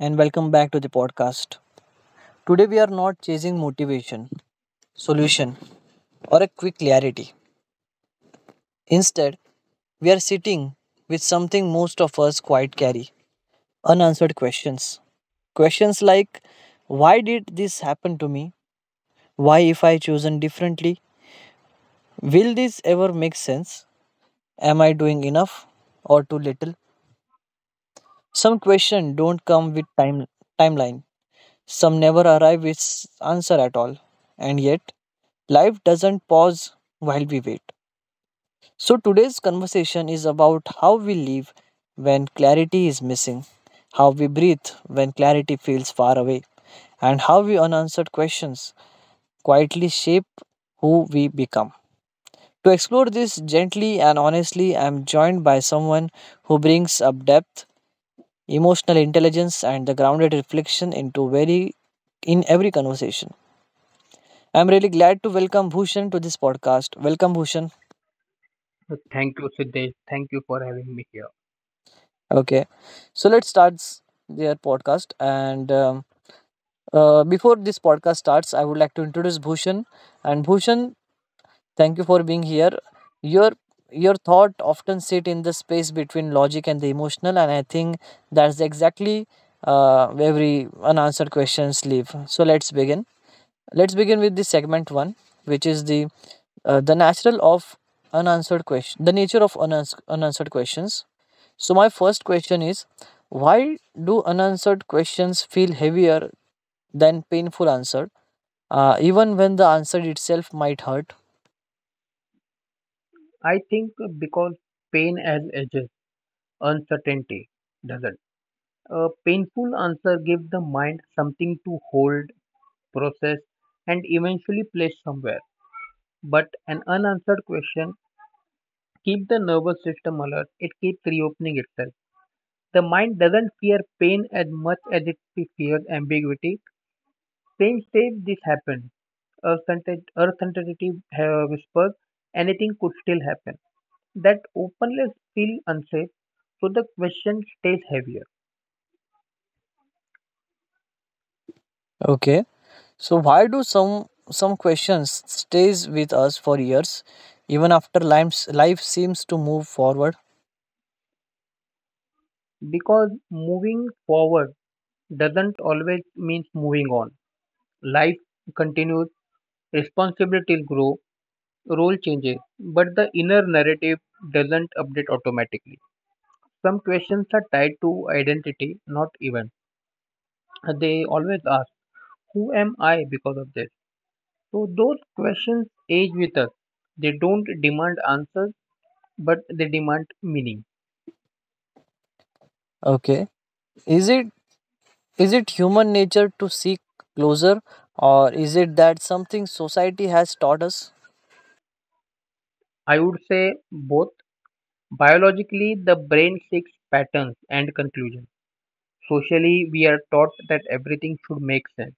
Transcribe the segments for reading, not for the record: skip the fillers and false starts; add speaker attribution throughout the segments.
Speaker 1: and welcome back to the podcast. Today, we are not chasing motivation, solution, or a quick clarity. Instead, we are sitting with something most of us quite carry unanswered questions. Questions like why did this happen to me? Why, if I chosen differently? Will this ever make sense? Am I doing enough or too little? Some questions don't come with timeline. Some never arrive with answer at all. And yet, life doesn't pause while we wait. So, today's conversation is about how we live when clarity is missing, how we breathe when clarity feels far away, and how we unanswered questions quietly shape who we become. To explore this gently and honestly, I am joined by someone who brings up depth, emotional intelligence, and the grounded reflection into very in every conversation. I'm really glad to welcome Bhushan to this podcast. Welcome, Bhushan.
Speaker 2: So, thank you, Siddesh. Thank you for having me here.
Speaker 1: Okay, so let's start their podcast. And Before this podcast starts, I would like to introduce Bhushan. And Bhushan, thank you for being here. Your your thought often sit in the space between logic and the emotional, and I think that's exactly where every unanswered questions live. So let's begin. Let's begin with the segment one, which is the natural of unanswered question, the nature of unanswered questions. So, my first question is why do unanswered questions feel heavier than painful answer, even when the answer itself might hurt?
Speaker 2: I think because pain as ages, uncertainty doesn't. A painful answer gives the mind something to hold, process, and eventually place somewhere. But an unanswered question keeps the nervous system alert. It keeps reopening itself. The mind doesn't fear pain as much as it fears ambiguity. Pain says this happened. Earth uncertainty whispers anything could still happen. That openness feels unsafe, so the question stays heavier
Speaker 1: Okay. So, why do some questions stays with us for years, even after life seems to move forward?
Speaker 2: because moving forward doesn't always mean moving on. Life continues, responsibilities grow, role changes, but the inner narrative doesn't update automatically. Some questions are tied to identity, not event. They always ask, who am I because of this? So those questions age with us. They don't demand answers, but they demand meaning.
Speaker 1: Okay. Is it is it human nature to seek closure, or is it that something society has taught us?
Speaker 2: I would say both. Biologically, the brain seeks patterns and conclusions. Socially, we are taught that everything should make sense.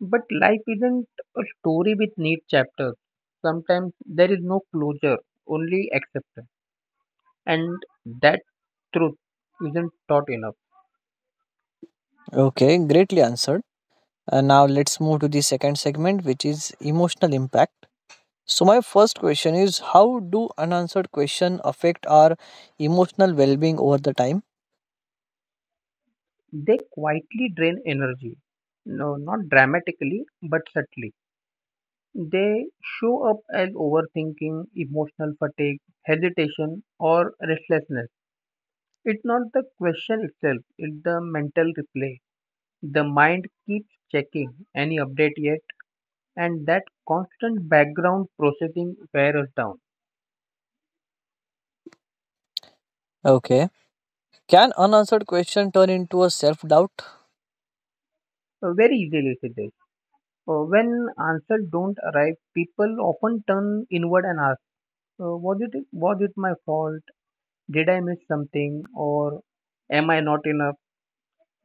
Speaker 2: But life isn't a story with neat chapters. Sometimes there is no closure, only acceptance. And that truth isn't taught enough.
Speaker 1: Okay, greatly answered. And now let's move to the second segment, which is emotional impact. So my first question is how do unanswered questions affect our emotional well-being over the time?
Speaker 2: They quietly drain energy. No, not dramatically, but subtly. They show up as overthinking, emotional fatigue, hesitation, or restlessness. It's not the question itself, it's the mental replay. The mind keeps checking any update yet, and that constant background processing wears us down
Speaker 1: Okay. Can unanswered question turn into a self-doubt?
Speaker 2: very easily. Siddesh. When answers don't arrive, people often turn inward and ask, was it my fault? Did I miss something? Or am I not enough?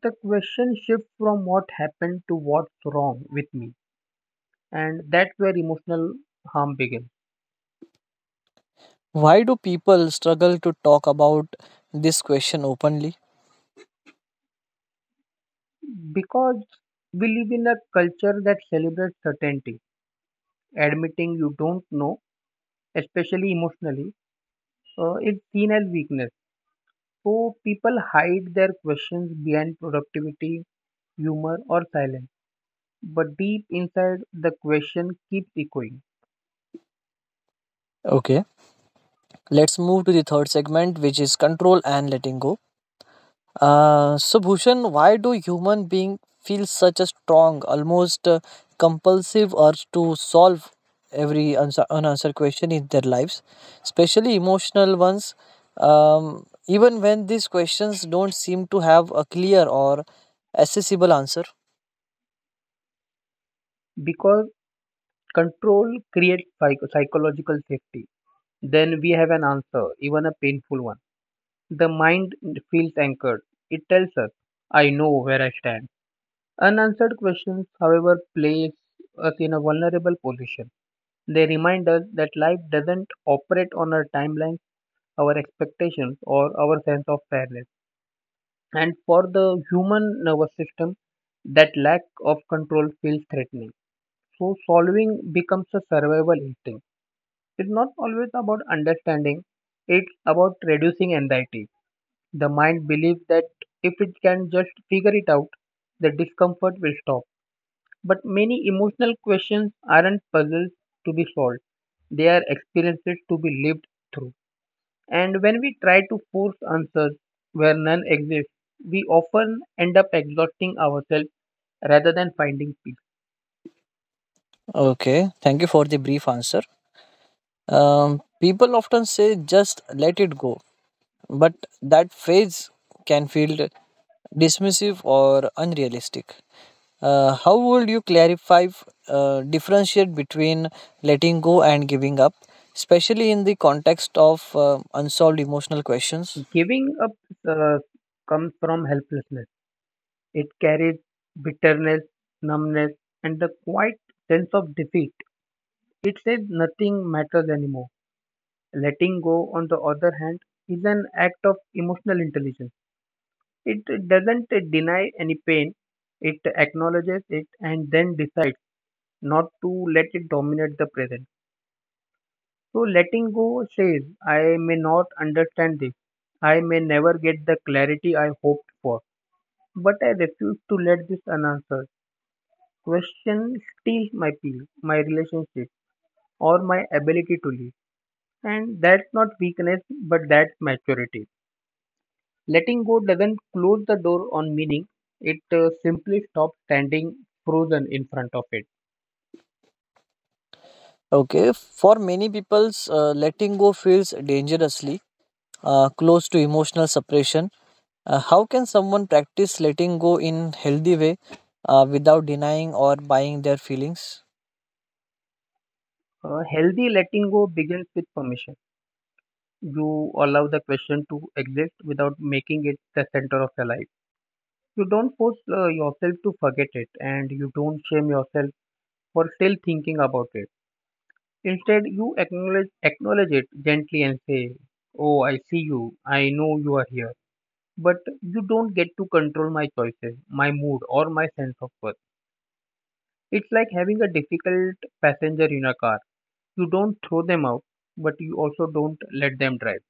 Speaker 2: The question shifts from what happened to what's wrong with me, and that's where emotional harm begins.
Speaker 1: Why do people struggle to talk about this question openly?
Speaker 2: Because we live in a culture that celebrates certainty, admitting you don't know, especially emotionally, is seen as weakness. So people hide their questions behind productivity, humor, or silence. But deep inside, the question keeps echoing
Speaker 1: Okay. Let's move to the third segment which is control and letting go. So Bhushan, why do human beings feel such a strong, almost compulsive urge to solve every answer, unanswered question in their lives, especially emotional ones? Even when these questions don't seem to have a clear or accessible answer.
Speaker 2: because control creates psychological safety. Then we have an answer, even a painful one. The mind feels anchored. It tells us, I know where I stand. Unanswered questions, however, place us in a vulnerable position. They remind us that life doesn't operate on our timeline, our expectations, or our sense of fairness. And for the human nervous system, that lack of control feels threatening. So, solving becomes a survival instinct. It's not always about understanding, it's about reducing anxiety. The mind believes that if it can just figure it out, the discomfort will stop. But many emotional questions aren't puzzles to be solved, they are experiences to be lived through. And when we try to force answers where none exist, we often end up exhausting ourselves rather than finding peace.
Speaker 1: Okay, thank you for the brief answer. People often say just let it go, but that phrase can feel dismissive or unrealistic. How would you clarify differentiate between letting go and giving up, especially in the context of unsolved emotional questions?
Speaker 2: Giving up uh, comes from helplessness, it carries bitterness, numbness, and the quiet sense of defeat. It says nothing matters anymore. Letting go, on the other hand, is an act of emotional intelligence. It doesn't deny any pain, it acknowledges it and then decides not to let it dominate the present. So letting go says, I may not understand this, I may never get the clarity I hoped for, but I refuse to let this unanswered question steal my peace, my relationship, or my ability to live. And that's not weakness, but that's maturity. Letting go doesn't close the door on meaning, it simply stops standing frozen in front of it.
Speaker 1: Okay, for many people's letting go feels dangerously close to emotional separation. How can someone practice letting go in healthy way without denying or buying their feelings?
Speaker 2: Healthy letting go begins with permission. You allow the question to exist without making it the center of your life. You don't force yourself to forget it and you don't shame yourself for still thinking about it. Instead, you acknowledge it gently and say, oh, I see you. I know you are here. But you don't get to control my choices, my mood, or my sense of worth. It's like having a difficult passenger in a car. You don't throw them out, but you also don't let them drive.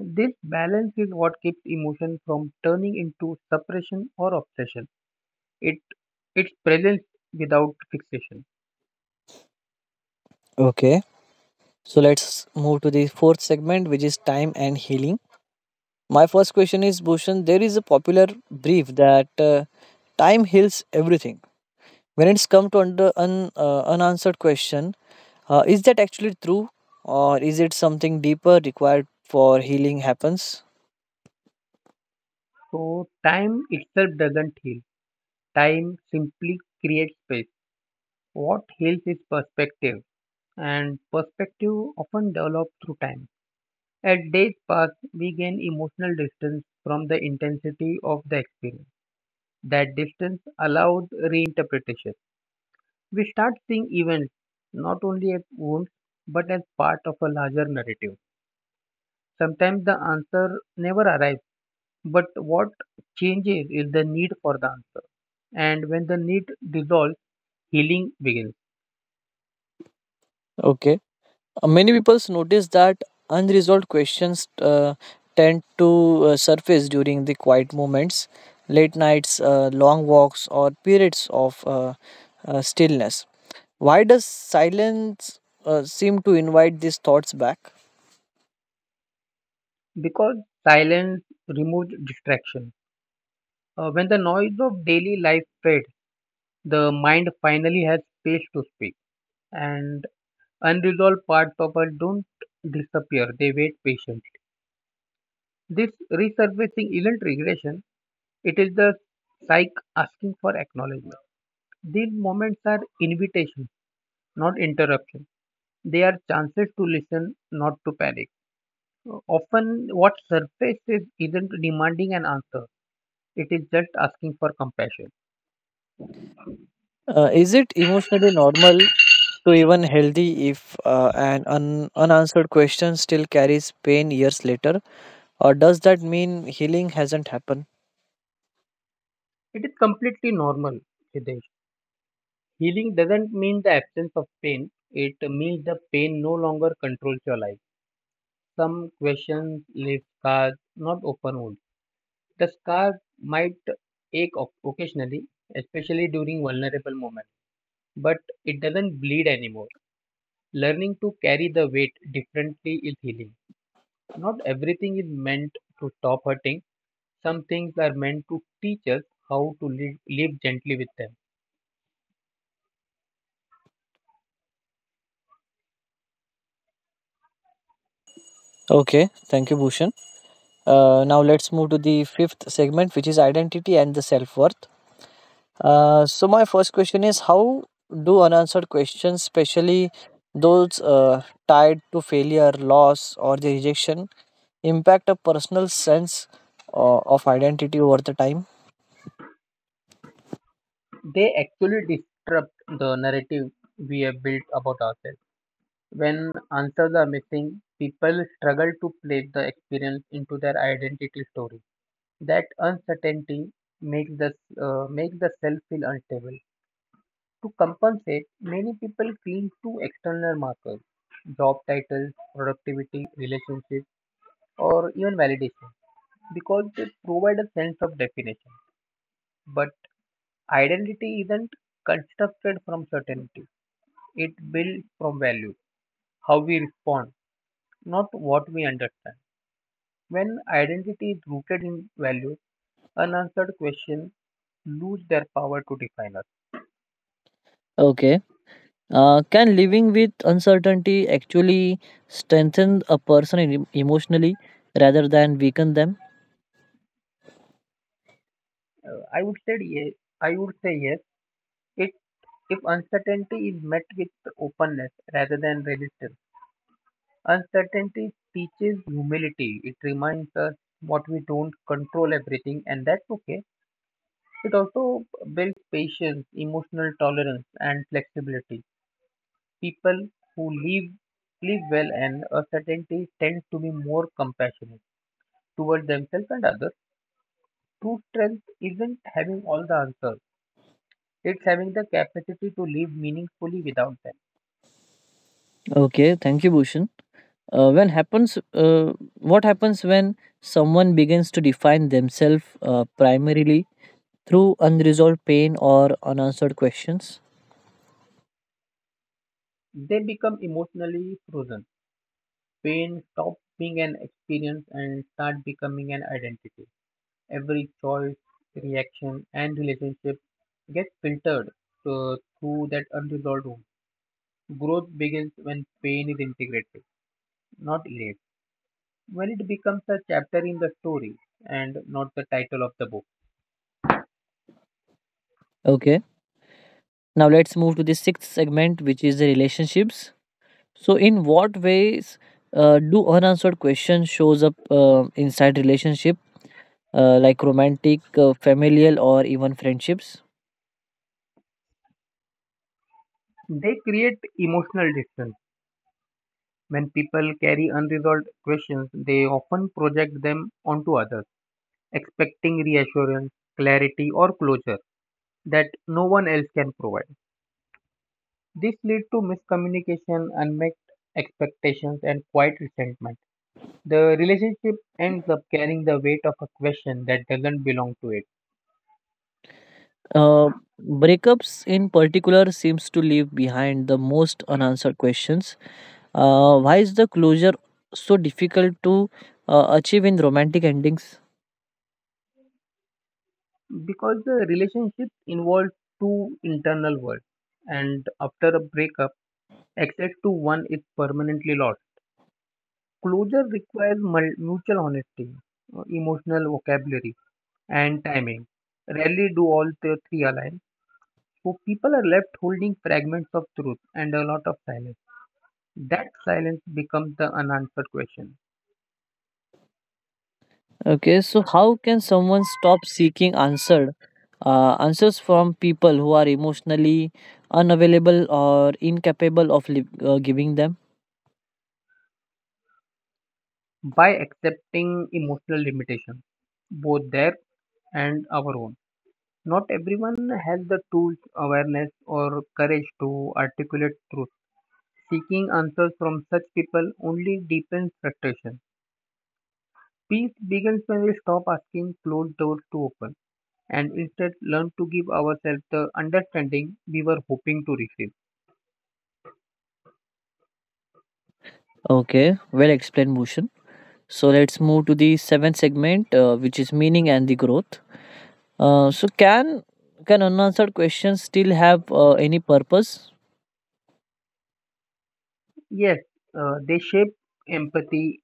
Speaker 2: This balance is what keeps emotion from turning into suppression or obsession. It it's presence without fixation.
Speaker 1: Okay, so let's move to the fourth segment, which is time and healing. My first question is Bhushan, there is a popular belief that time heals everything. When it's come to unanswered question, is that actually true or is it something deeper required for healing happens?
Speaker 2: So time itself doesn't heal. Time simply creates space. What heals is perspective, and perspective often develops through time. As days pass, we gain emotional distance from the intensity of the experience. That distance allowed reinterpretation. We start seeing events not only as wounds but as part of a larger narrative. Sometimes the answer never arrives, but what changes is the need for the answer. And when the need dissolves, healing begins
Speaker 1: Okay. Many people notice that unresolved questions tend to surface during the quiet moments, late nights, long walks or periods of stillness. Why does silence seem to invite these thoughts back?
Speaker 2: because silence removes distraction. When the noise of daily life fades, the mind finally has space to speak, and unresolved parts of us don't disappear, they wait patiently. This resurfacing isn't regression, it is the psyche asking for acknowledgement. These moments are invitations, not interruptions. They are chances to listen, not to panic. Often, what surfaces isn't demanding an answer, it is just asking for compassion.
Speaker 1: Is it emotionally normal to even healthy if unanswered question still carries pain years later? Or does that mean healing hasn't happened?
Speaker 2: It is completely normal, Hitesh. Healing doesn't mean the absence of pain, it means the pain no longer controls your life. Some questions leave scars, not open wounds. The scar might ache occasionally, especially during vulnerable moments, but it doesn't bleed anymore. Learning to carry the weight differently is healing. Not everything is meant to stop hurting. Some things are meant to teach us how to live gently with them.
Speaker 1: Okay, thank you, Bhushan. Now let's move to the fifth segment, which is identity and the self worth. My first question is how do unanswered questions, especially those tied to failure, loss, or the rejection, impact a personal sense of identity over the time.
Speaker 2: They actually disrupt the narrative we have built about ourselves. When answers are missing, people struggle to place the experience into their identity story. That uncertainty makes the makes the self feel unstable. To compensate, many people cling to external markers, job titles, productivity, relationships, or even validation, because they provide a sense of definition. But identity isn't constructed from certainty; it built from values. How we respond, not what we understand. When identity is rooted in values, unanswered questions lose their power to define us.
Speaker 1: Okay. Can living with uncertainty actually strengthen a person in, emotionally rather than weaken them?
Speaker 2: I would say yes. I would say yes. It if uncertainty is met with openness rather than resistance. Uncertainty teaches humility. It reminds us what we don't control everything, and that's okay. It also builds patience, emotional tolerance, and flexibility. People who live well and uncertainty tend to be more compassionate toward themselves and others. True strength isn't having all the answers. It's having the capacity to live meaningfully without them.
Speaker 1: Okay. Thank you, Bhushan. Uh, when happens, uh, what happens when someone begins to define themselves primarily through unresolved pain or unanswered questions?
Speaker 2: They become emotionally frozen. Pain stops being an experience and start becoming an identity. Every choice, reaction, and relationship gets filtered through that unresolved wound. Growth begins when pain is integrated, not erased. When it becomes a chapter in the story and not the title of the book.
Speaker 1: Okay. Now let's move to the sixth segment, which is the relationships. So, in what ways do unanswered questions shows up inside relationship, like romantic, familial, or even friendships?
Speaker 2: They create emotional distance. When people carry unresolved questions, they often project them onto others, expecting reassurance, clarity, or closure that no one else can provide. This leads to miscommunication, unmet expectations, and quiet resentment. The relationship ends up carrying the weight of a question that doesn't belong to it
Speaker 1: Uh, breakups, in particular, seems to leave behind the most unanswered questions. Why is the closure so difficult to achieve in romantic endings?
Speaker 2: because the relationship involves two internal worlds, and after a breakup, access to one is permanently lost. Closure requires mutual honesty, emotional vocabulary, and timing. Rarely do all the three align, so people are left holding fragments of truth and a lot of silence. That silence becomes the unanswered question.
Speaker 1: Okay, so how can someone stop seeking answered answers from people who are emotionally unavailable or incapable of giving them?
Speaker 2: By accepting emotional limitation, both their and our own, not everyone has the tools, awareness, or courage to articulate truth. Seeking answers from such people only deepens frustration. Peace begins when we stop asking closed doors to open and instead learn to give ourselves the understanding we were hoping to receive.
Speaker 1: Okay, well explained, Bhushan. So let's move to the seventh segment, which is meaning and the growth. So can unanswered questions still have any purpose?
Speaker 2: Yes, they shape empathy,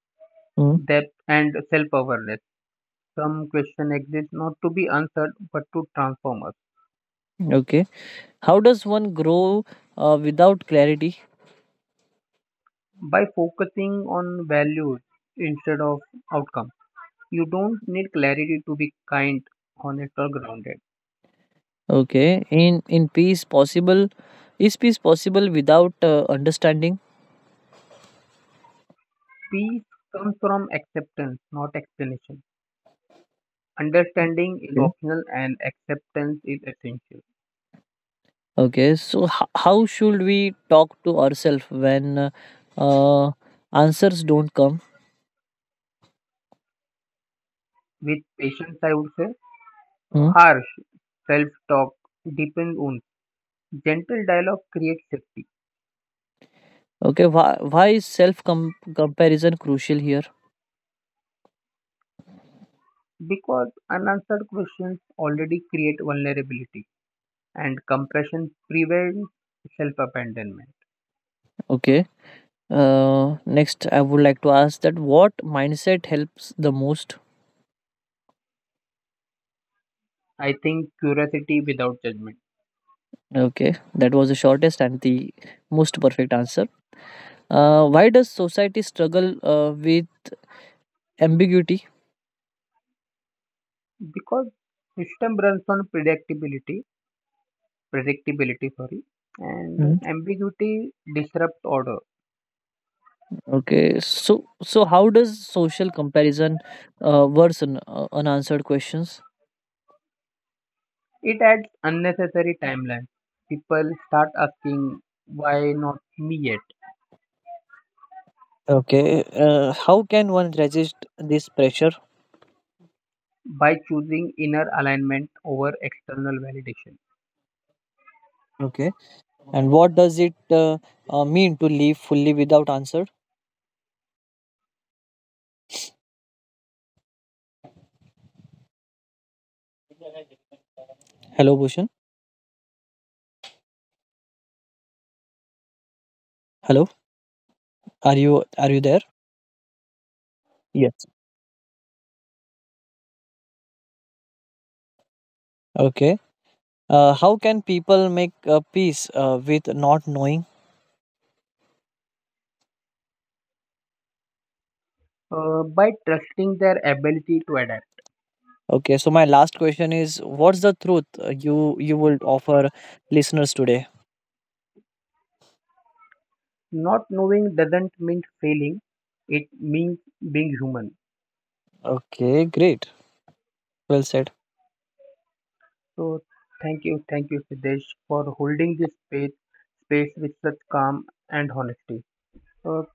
Speaker 1: Mm,
Speaker 2: depth, and self awareness. Some questions exist not to be answered but to transform us.
Speaker 1: okay, how does one grow without clarity?
Speaker 2: By focusing on values instead of outcomes, you don't need clarity to be kind, honest, or grounded.
Speaker 1: Okay. In peace possible, is peace possible without understanding?
Speaker 2: Peace comes from acceptance, not explanation. Understanding is
Speaker 1: Okay.
Speaker 2: optional and acceptance is essential.
Speaker 1: Okay. So how should we talk to ourselves when uh, answers don't come?
Speaker 2: With patience, I would say,
Speaker 1: Hmm?
Speaker 2: harsh self talk deepens wounds. Gentle dialogue creates safety
Speaker 1: Okay. Why is self comparison crucial here?
Speaker 2: because unanswered questions already create vulnerability, and compassion prevents self abandonment.
Speaker 1: Okay. Next, I would like to ask that what mindset helps the most?
Speaker 2: I think curiosity without judgment
Speaker 1: Okay, that was the shortest and the most perfect answer. Why does society struggle with ambiguity?
Speaker 2: because system runs on predictability, and ambiguity disrupts order.
Speaker 1: Okay, so so how does social comparison worsen unanswered questions?
Speaker 2: It adds unnecessary timeline. People start asking, why not me yet?
Speaker 1: Okay, how can one resist this pressure?
Speaker 2: By choosing inner alignment over external validation.
Speaker 1: Okay, and what does it mean to live fully without answer? Hello, Bhushan. Hello, are you there? Yes. Okay. How can people make peace with not knowing?
Speaker 2: uh, by trusting their ability to adapt.
Speaker 1: Okay, so my last question is, what's the truth you would offer listeners today?
Speaker 2: Not knowing doesn't mean failing, it means being human.
Speaker 1: Okay, great. Well said.
Speaker 2: So, thank you, Siddesh, for holding this space with such calm and honesty. Uh,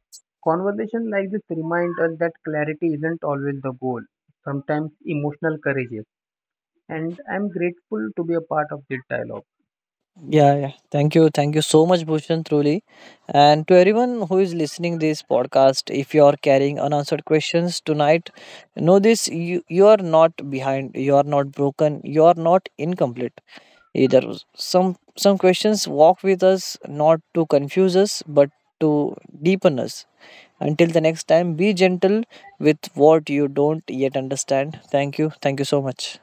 Speaker 2: Conversation like this remind us that clarity isn't always the goal, sometimes emotional courage is. And I'm grateful to be a part of this dialogue.
Speaker 1: Yeah, yeah. Thank you. Thank you so much, Bhushan, truly. And to everyone who is listening this podcast, if you are carrying unanswered questions tonight, know this you, you are not behind, you are not broken, you are not incomplete either. Some questions walk with us not to confuse us but to deepen us. Until the next time, be gentle with what you don't yet understand. Thank you. Thank you so much.